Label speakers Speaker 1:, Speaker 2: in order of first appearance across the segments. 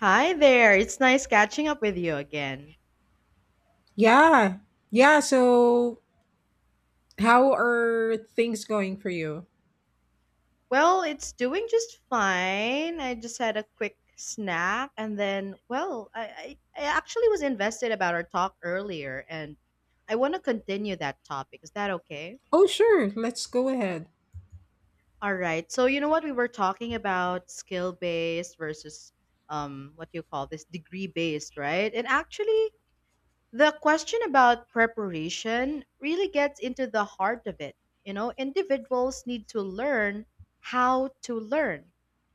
Speaker 1: Hi there. It's nice catching up with you again.
Speaker 2: Yeah. Yeah. So, how are things going for you?
Speaker 1: Well, it's doing just fine. I just had a quick snack and then, well, I actually was invested about our talk earlier and I want to continue that topic. Is that okay?
Speaker 2: Oh, sure. Let's go ahead.
Speaker 1: All right. So, you know what? We were talking about skill based versus what do you call this degree based, right? And actually, the question about preparation really gets into the heart of it. You know, individuals need to learn how to learn,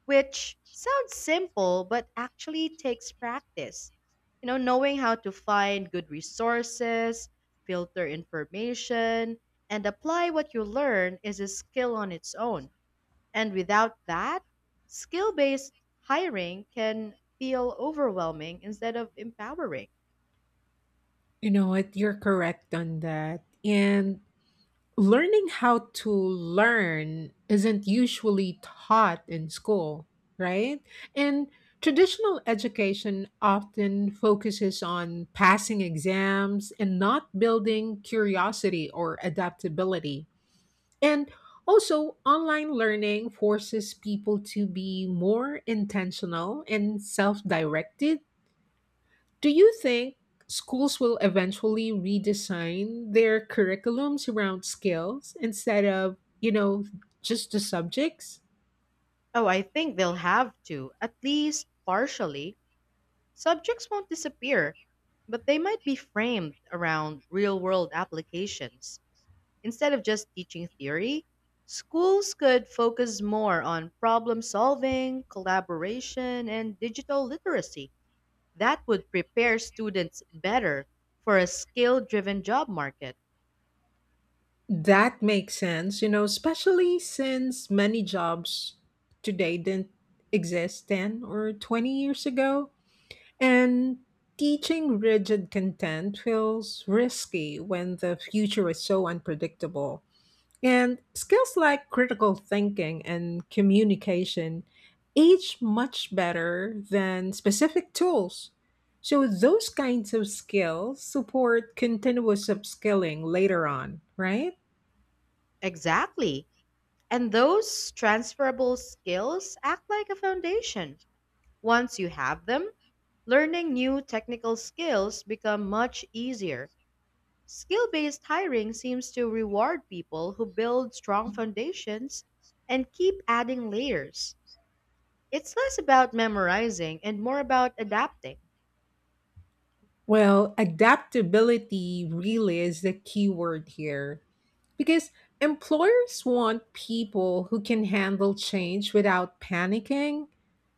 Speaker 1: which sounds simple, but actually takes practice. You know, knowing how to find good resources, filter information, and apply what you learn is a skill on its own. And without that, skill based hiring can feel overwhelming instead of empowering.
Speaker 2: You know what? You're correct on that. And learning how to learn isn't usually taught in school, right? And traditional education often focuses on passing exams and not building curiosity or adaptability. And also, online learning forces people to be more intentional and self directed. Do you think schools will eventually redesign their curriculums around skills instead of, just the subjects?
Speaker 1: Oh, I think they'll have to, at least partially. Subjects won't disappear, but they might be framed around real world applications. Instead of just teaching theory, schools could focus more on problem solving, collaboration, and digital literacy. That would prepare students better for a skill driven job market.
Speaker 2: That makes sense, especially since many jobs today didn't exist 10 or 20 years ago. And teaching rigid content feels risky when the future is so unpredictable. And skills like critical thinking and communication age much better than specific tools. So, those kinds of skills support continuous upskilling later on, right?
Speaker 1: Exactly. And those transferable skills act like a foundation. Once you have them, learning new technical skills become much easier. Skill-based hiring seems to reward people who build strong foundations and keep adding layers. It's less about memorizing and more about adapting.
Speaker 2: Well, adaptability really is the key word here. Because employers want people who can handle change without panicking.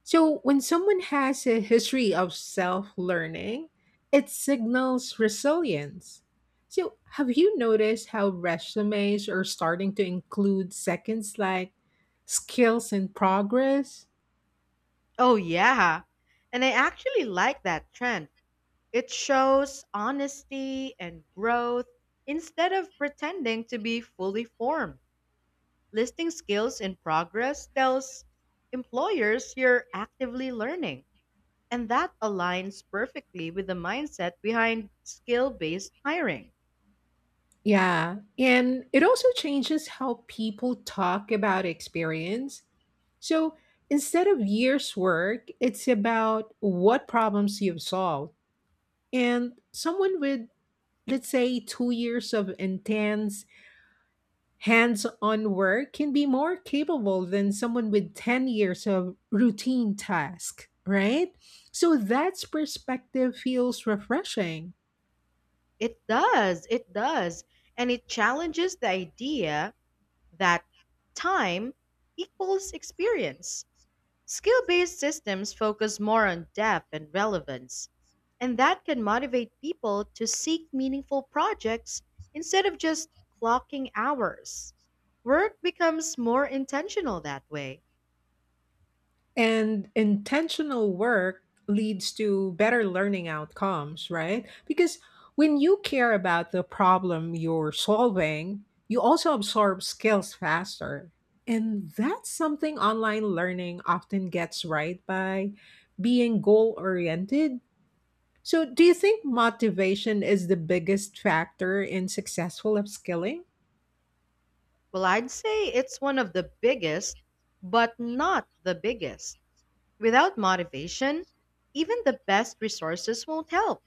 Speaker 2: So when someone has a history of self learning, it signals resilience. So, have you noticed how resumes are starting to include seconds like skills and progress?
Speaker 1: Oh yeah. And I actually like that trend. It shows honesty and growth instead of pretending to be fully formed. Listing skills in progress tells employers you're actively learning. And that aligns perfectly with the mindset behind skill based hiring.
Speaker 2: Yeah. And it also changes how people talk about experience. So instead of years' work, it's about what problems you've solved. And someone with, let's say, 2 years of intense hands on work can be more capable than someone with 10 years of routine task, right? So that's perspective feels refreshing.
Speaker 1: It does, it does. And it challenges the idea that time equals experience. Skill based systems focus more on depth and relevance, and that can motivate people to seek meaningful projects instead of just clocking hours. Work becomes more intentional that way.
Speaker 2: And intentional work leads to better learning outcomes, right? Because when you care about the problem you're solving, you also absorb skills faster. And that's something online learning often gets right by being goal oriented. So, do you think motivation is the biggest factor in successful upskilling?
Speaker 1: Well, I'd say it's one of the biggest, but not the biggest. Without motivation, even the best resources won't help.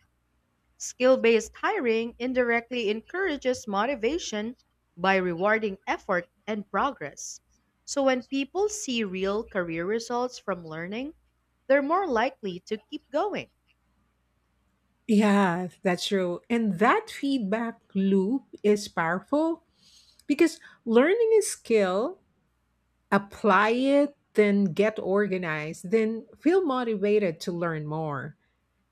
Speaker 1: Skill based hiring indirectly encourages motivation by rewarding effort and progress. So when people see real career results from learning, they're more likely to keep going.
Speaker 2: Yeah, that's true. And that feedback loop is powerful. Because learning a skill, apply it, then get organized, then feel motivated to learn more.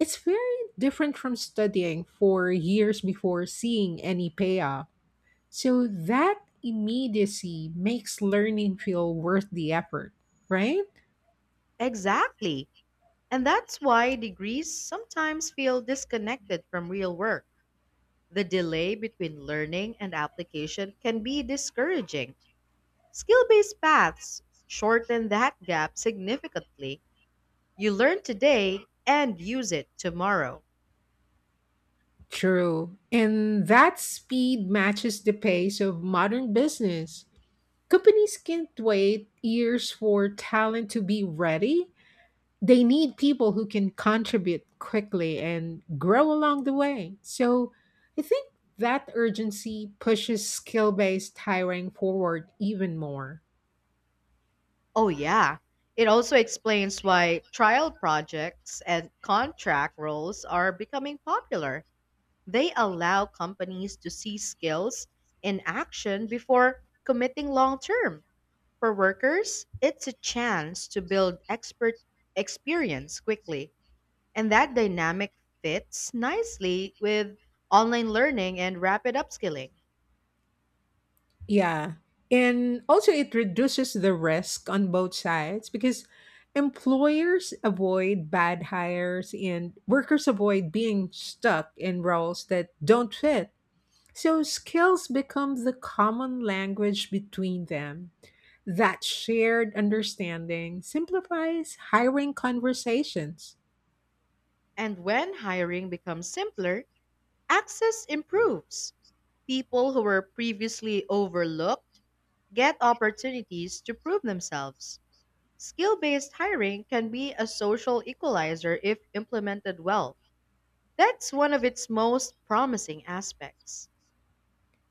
Speaker 2: It's very different from studying for years before seeing any payoff. So that immediacy makes learning feel worth the effort, right?
Speaker 1: Exactly. And that's why degrees sometimes feel disconnected from real work. The delay between learning and application can be discouraging. Skill based paths shorten that gap significantly. You learn today and use it tomorrow.
Speaker 2: True. And that speed matches the pace of modern business. Companies can't wait years for talent to be ready, they need people who can contribute quickly and grow along the way. So I think that urgency pushes skill based hiring forward even more.
Speaker 1: Oh, yeah. It also explains why trial projects and contract roles are becoming popular. They allow companies to see skills in action before committing long term. For workers, it's a chance to build expert experience quickly. And that dynamic fits nicely with online learning and rapid upskilling.
Speaker 2: Yeah. And also, it reduces the risk on both sides because employers avoid bad hires and workers avoid being stuck in roles that don't fit. So, skills become the common language between them. That shared understanding simplifies hiring conversations.
Speaker 1: And when hiring becomes simpler, access improves. People who were previously overlooked get opportunities to prove themselves. Skill based hiring can be a social equalizer if implemented well. That's one of its most promising aspects.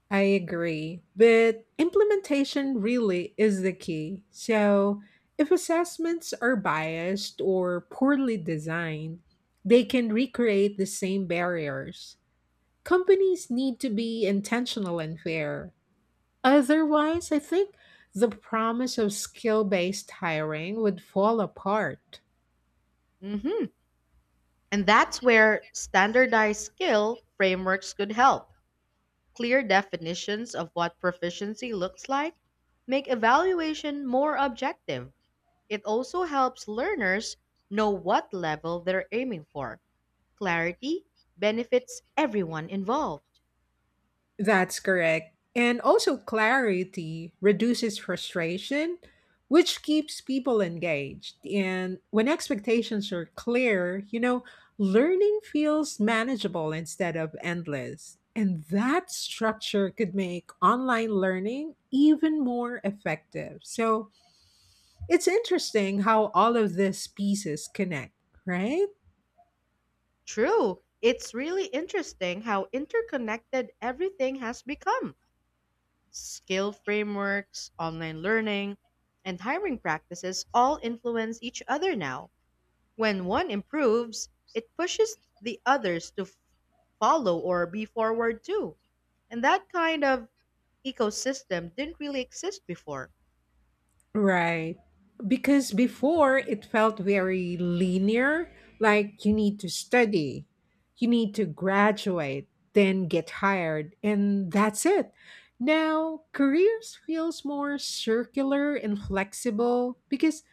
Speaker 2: I agree. But implementation really is the key. So, if assessments are biased or poorly designed, they can recreate the same barriers. Companies need to be intentional and fair. Otherwise, I think the promise of skill based hiring would fall apart.
Speaker 1: Hmm. And that's where standardized skill frameworks could help. Clear definitions of what proficiency looks like make evaluation more objective. It also helps learners know what level they're aiming for. Clarity benefits everyone involved.
Speaker 2: That's correct. And also, clarity reduces frustration, which keeps people engaged. And when expectations are clear, learning feels manageable instead of endless. And that structure could make online learning even more effective. So it's interesting how all of these pieces connect, right?
Speaker 1: True, it's really interesting how interconnected everything has become. Skill frameworks, online learning, and hiring practices all influence each other now. When one improves, it pushes the others to follow or be forward too. And that kind of ecosystem didn't really exist before.
Speaker 2: Right. Because before it felt very linear, like you need to study, you need to graduate, then get hired, and that's it. Now, careers feels more circular and flexible because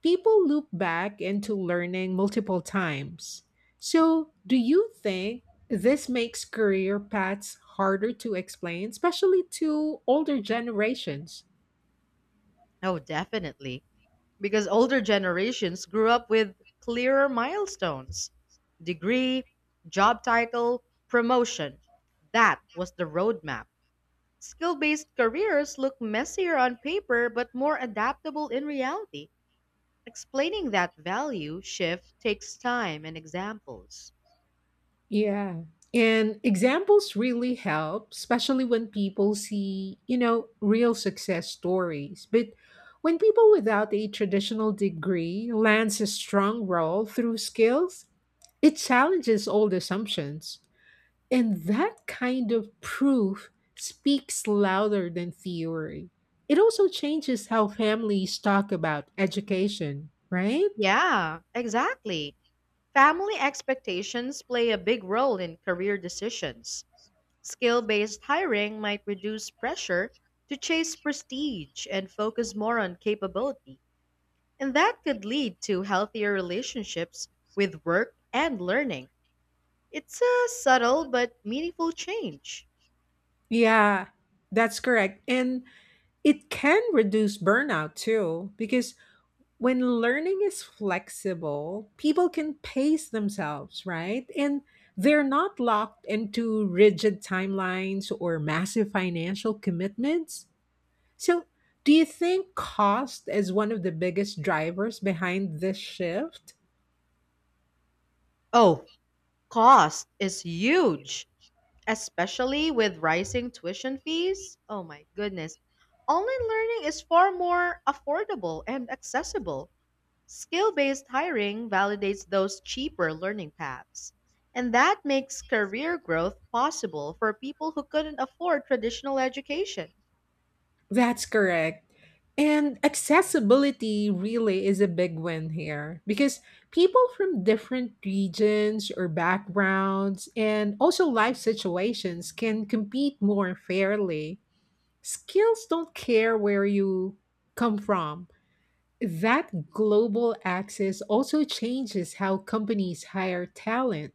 Speaker 2: people loop back into learning multiple times. So, do you think this makes career paths harder to explain, especially to older generations?
Speaker 1: Oh, definitely. Because older generations grew up with clearer milestones: degree, job title, promotion. That was the roadmap. Skill based careers look messier on paper but more adaptable in reality. Explaining that value shift takes time and examples.
Speaker 2: Yeah. And examples really help, especially when people see, real success stories. But when people without a traditional degree lands a strong role through skills, it challenges old assumptions. And that kind of proof speaks louder than theory. It also changes how families talk about education, right?
Speaker 1: Yeah, exactly. Family expectations play a big role in career decisions. Skill based hiring might reduce pressure to chase prestige and focus more on capability. And that could lead to healthier relationships with work and learning. It's a subtle but meaningful change.
Speaker 2: Yeah, that's correct. And it can reduce burnout too, because when learning is flexible, people can pace themselves, right? And they're not locked into rigid timelines or massive financial commitments. So, do you think cost is one of the biggest drivers behind this shift?
Speaker 1: Oh, cost is huge, especially with rising tuition fees. Oh my goodness. Online learning is far more affordable and accessible. Skill based hiring validates those cheaper learning paths. And that makes career growth possible for people who couldn't afford traditional education.
Speaker 2: That's correct. And accessibility really is a big win here because people from different regions or backgrounds and also life situations can compete more fairly. Skills don't care where you come from. That global access also changes how companies hire talent.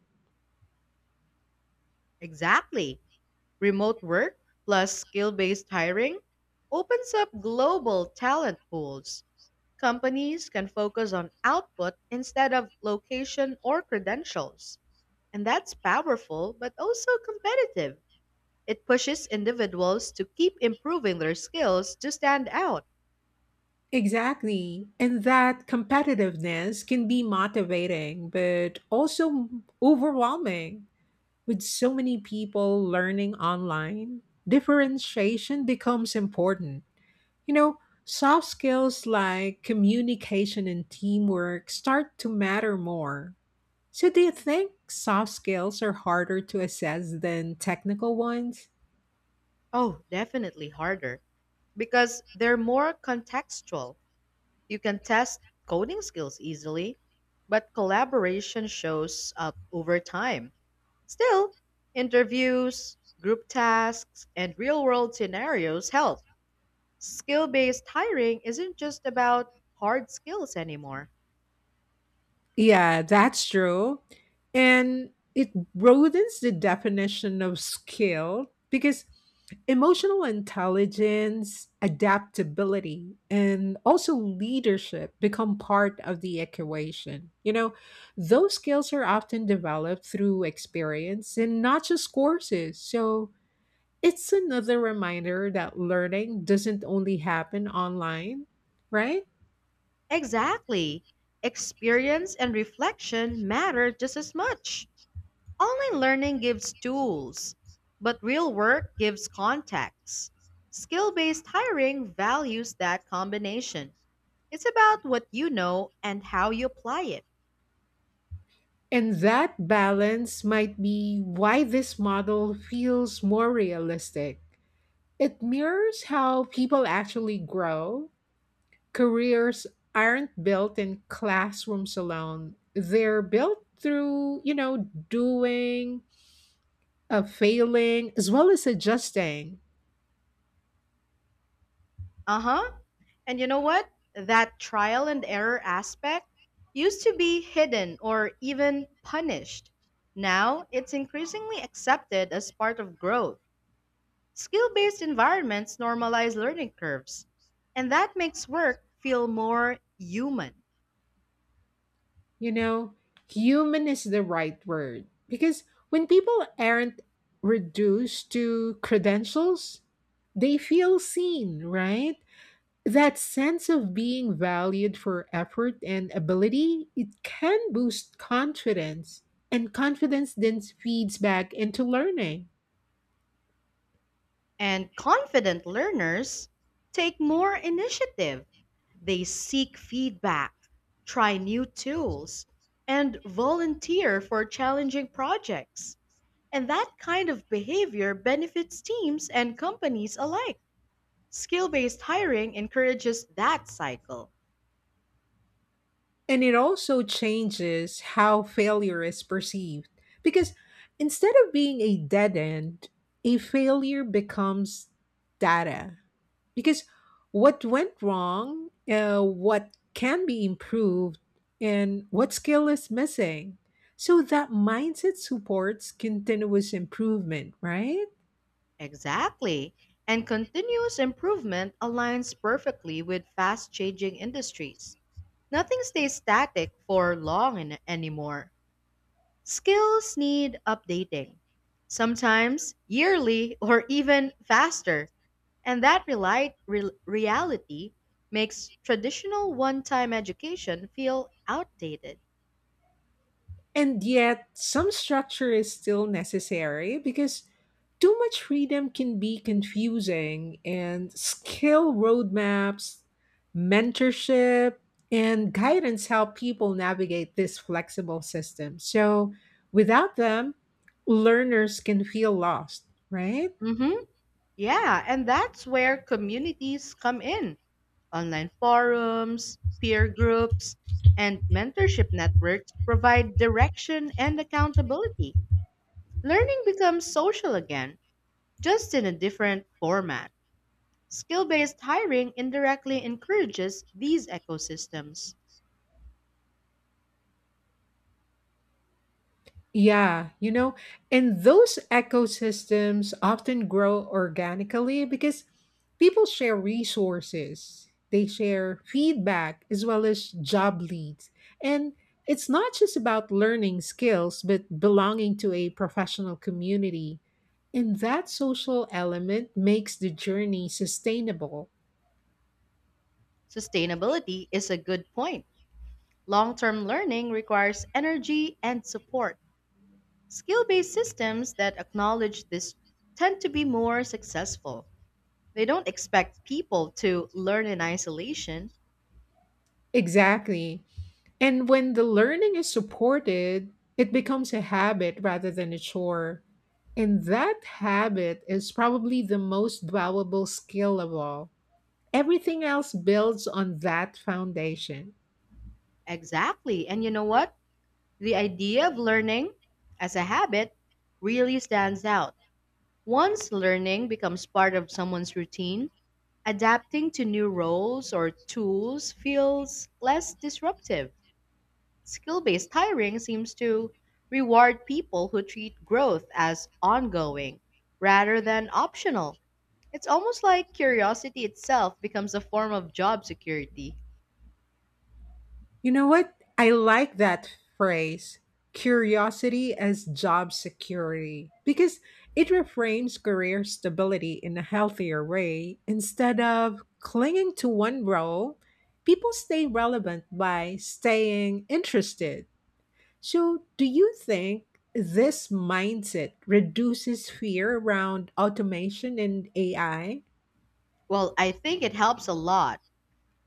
Speaker 1: Exactly. Remote work plus skill based hiring opens up global talent pools. Companies can focus on output instead of location or credentials. And that's powerful, but also competitive. It pushes individuals to keep improving their skills to stand out.
Speaker 2: Exactly. And that competitiveness can be motivating, but also overwhelming. With so many people learning online, differentiation becomes important. You know, Soft skills like communication and teamwork start to matter more. So, do you think soft skills are harder to assess than technical ones?
Speaker 1: Oh, definitely harder because they're more contextual. You can test coding skills easily, but collaboration shows up over time. Still, interviews, group tasks, and real world scenarios help. Skill based hiring isn't just about hard skills anymore.
Speaker 2: Yeah, that's true. And it broadens the definition of skill because emotional intelligence, adaptability, and also leadership become part of the equation. Those skills are often developed through experience and not just courses. So it's another reminder that learning doesn't only happen online, right?
Speaker 1: Exactly. Experience and reflection matter just as much. Online learning gives tools, but real work gives contacts. Skill based hiring values that combination. It's about what you know and how you apply it.
Speaker 2: And that balance might be why this model feels more realistic. It mirrors how people actually grow. Careers aren't built in classrooms alone, they're built through, doing, failing, as well as adjusting.
Speaker 1: Uh huh. And you know what? That trial and error aspect used to be hidden or even punished. Now, it's increasingly accepted as part of growth. Skill based environments normalize learning curves, and that makes work feel more human.
Speaker 2: You know, human is the right word because when people aren't reduced to credentials, they feel seen, right? That sense of being valued for effort and ability, it can boost confidence, and confidence then feeds back into learning.
Speaker 1: And confident learners take more initiative. They seek feedback, try new tools, and volunteer for challenging projects. And that kind of behavior benefits teams and companies alike. Skill based hiring encourages that cycle.
Speaker 2: And it also changes how failure is perceived. Because instead of being a dead end, a failure becomes data. Because what went wrong, what can be improved, and what skill is missing. So that mindset supports continuous improvement, right?
Speaker 1: Exactly. And continuous improvement aligns perfectly with fast changing industries. Nothing stays static for long anymore. Skills need updating, sometimes yearly or even faster. And that reality makes traditional one time education feel outdated.
Speaker 2: And yet, some structure is still necessary because too much freedom can be confusing, and skill roadmaps, mentorship, and guidance help people navigate this flexible system. So, without them, learners can feel lost, right?
Speaker 1: Mm-hmm. Yeah, and that's where communities come in. Online forums, peer groups, and mentorship networks provide direction and accountability. Learning becomes social again, just in a different format. Skill based hiring indirectly encourages these ecosystems.
Speaker 2: Yeah, and those ecosystems often grow organically because people share resources, they share feedback as well as job leads. And it's not just about learning skills, but belonging to a professional community. And that social element makes the journey sustainable.
Speaker 1: Sustainability is a good point. Long term learning requires energy and support. Skill based systems that acknowledge this tend to be more successful. They don't expect people to learn in isolation.
Speaker 2: Exactly. And when the learning is supported, it becomes a habit rather than a chore. And that habit is probably the most valuable skill of all. Everything else builds on that foundation.
Speaker 1: Exactly. And you know what? The idea of learning as a habit really stands out. Once learning becomes part of someone's routine, adapting to new roles or tools feels less disruptive. Skill based hiring seems to reward people who treat growth as ongoing rather than optional. It's almost like curiosity itself becomes a form of job security.
Speaker 2: You know what? I like that phrase, curiosity as job security, because it reframes career stability in a healthier way. Instead of clinging to one role, people stay relevant by staying interested. So, do you think this mindset reduces fear around automation and AI?
Speaker 1: Well, I think it helps a lot.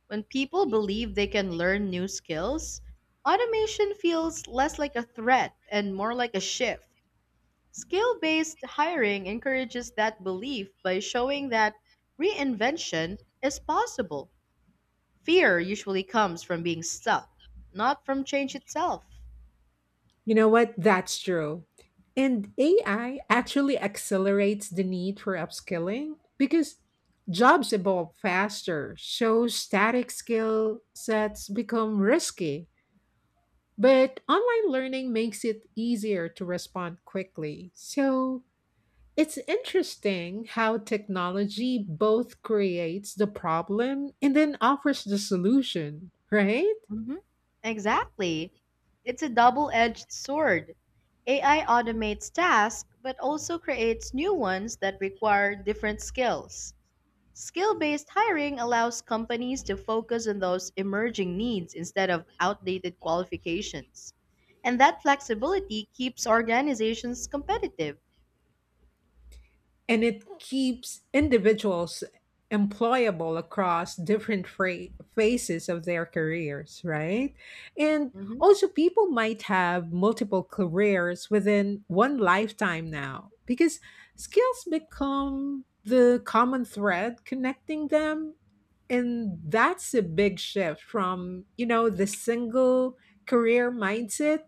Speaker 1: When people believe they can learn new skills, automation feels less like a threat and more like a shift. Skill based hiring encourages that belief by showing that reinvention is possible. Fear usually comes from being stuck, not from change itself.
Speaker 2: You know what? That's true. And AI actually accelerates the need for upskilling because jobs evolve faster. So static skill sets become risky. But online learning makes it easier to respond quickly. So it's interesting how technology both creates the problem and then offers the solution, right?
Speaker 1: Hmm. Exactly. It's a double edged sword. AI automates tasks, but also creates new ones that require different skills. Skill based hiring allows companies to focus on those emerging needs instead of outdated qualifications. And that flexibility keeps organizations competitive.
Speaker 2: And it keeps individuals employable across different phases of their careers, right? And also, people might have multiple careers within one lifetime now because skills become the common thread connecting them. And that's a big shift from, the single career mindset.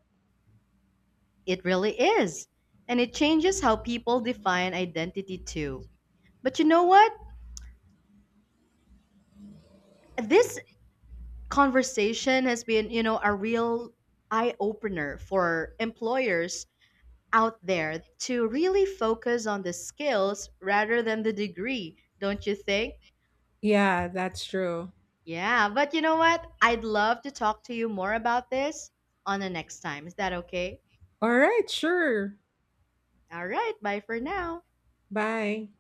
Speaker 1: It really is. And it changes how people define identity too. But you know what? This conversation has been, you know, a real eye opener for employers out there to really focus on the skills rather than the degree, don't you think?
Speaker 2: Yeah, that's true.
Speaker 1: Yeah, but you know what? I'd love to talk to you more about this on the next time. Is that okay?
Speaker 2: All right, sure.
Speaker 1: All right, bye for now.
Speaker 2: Bye.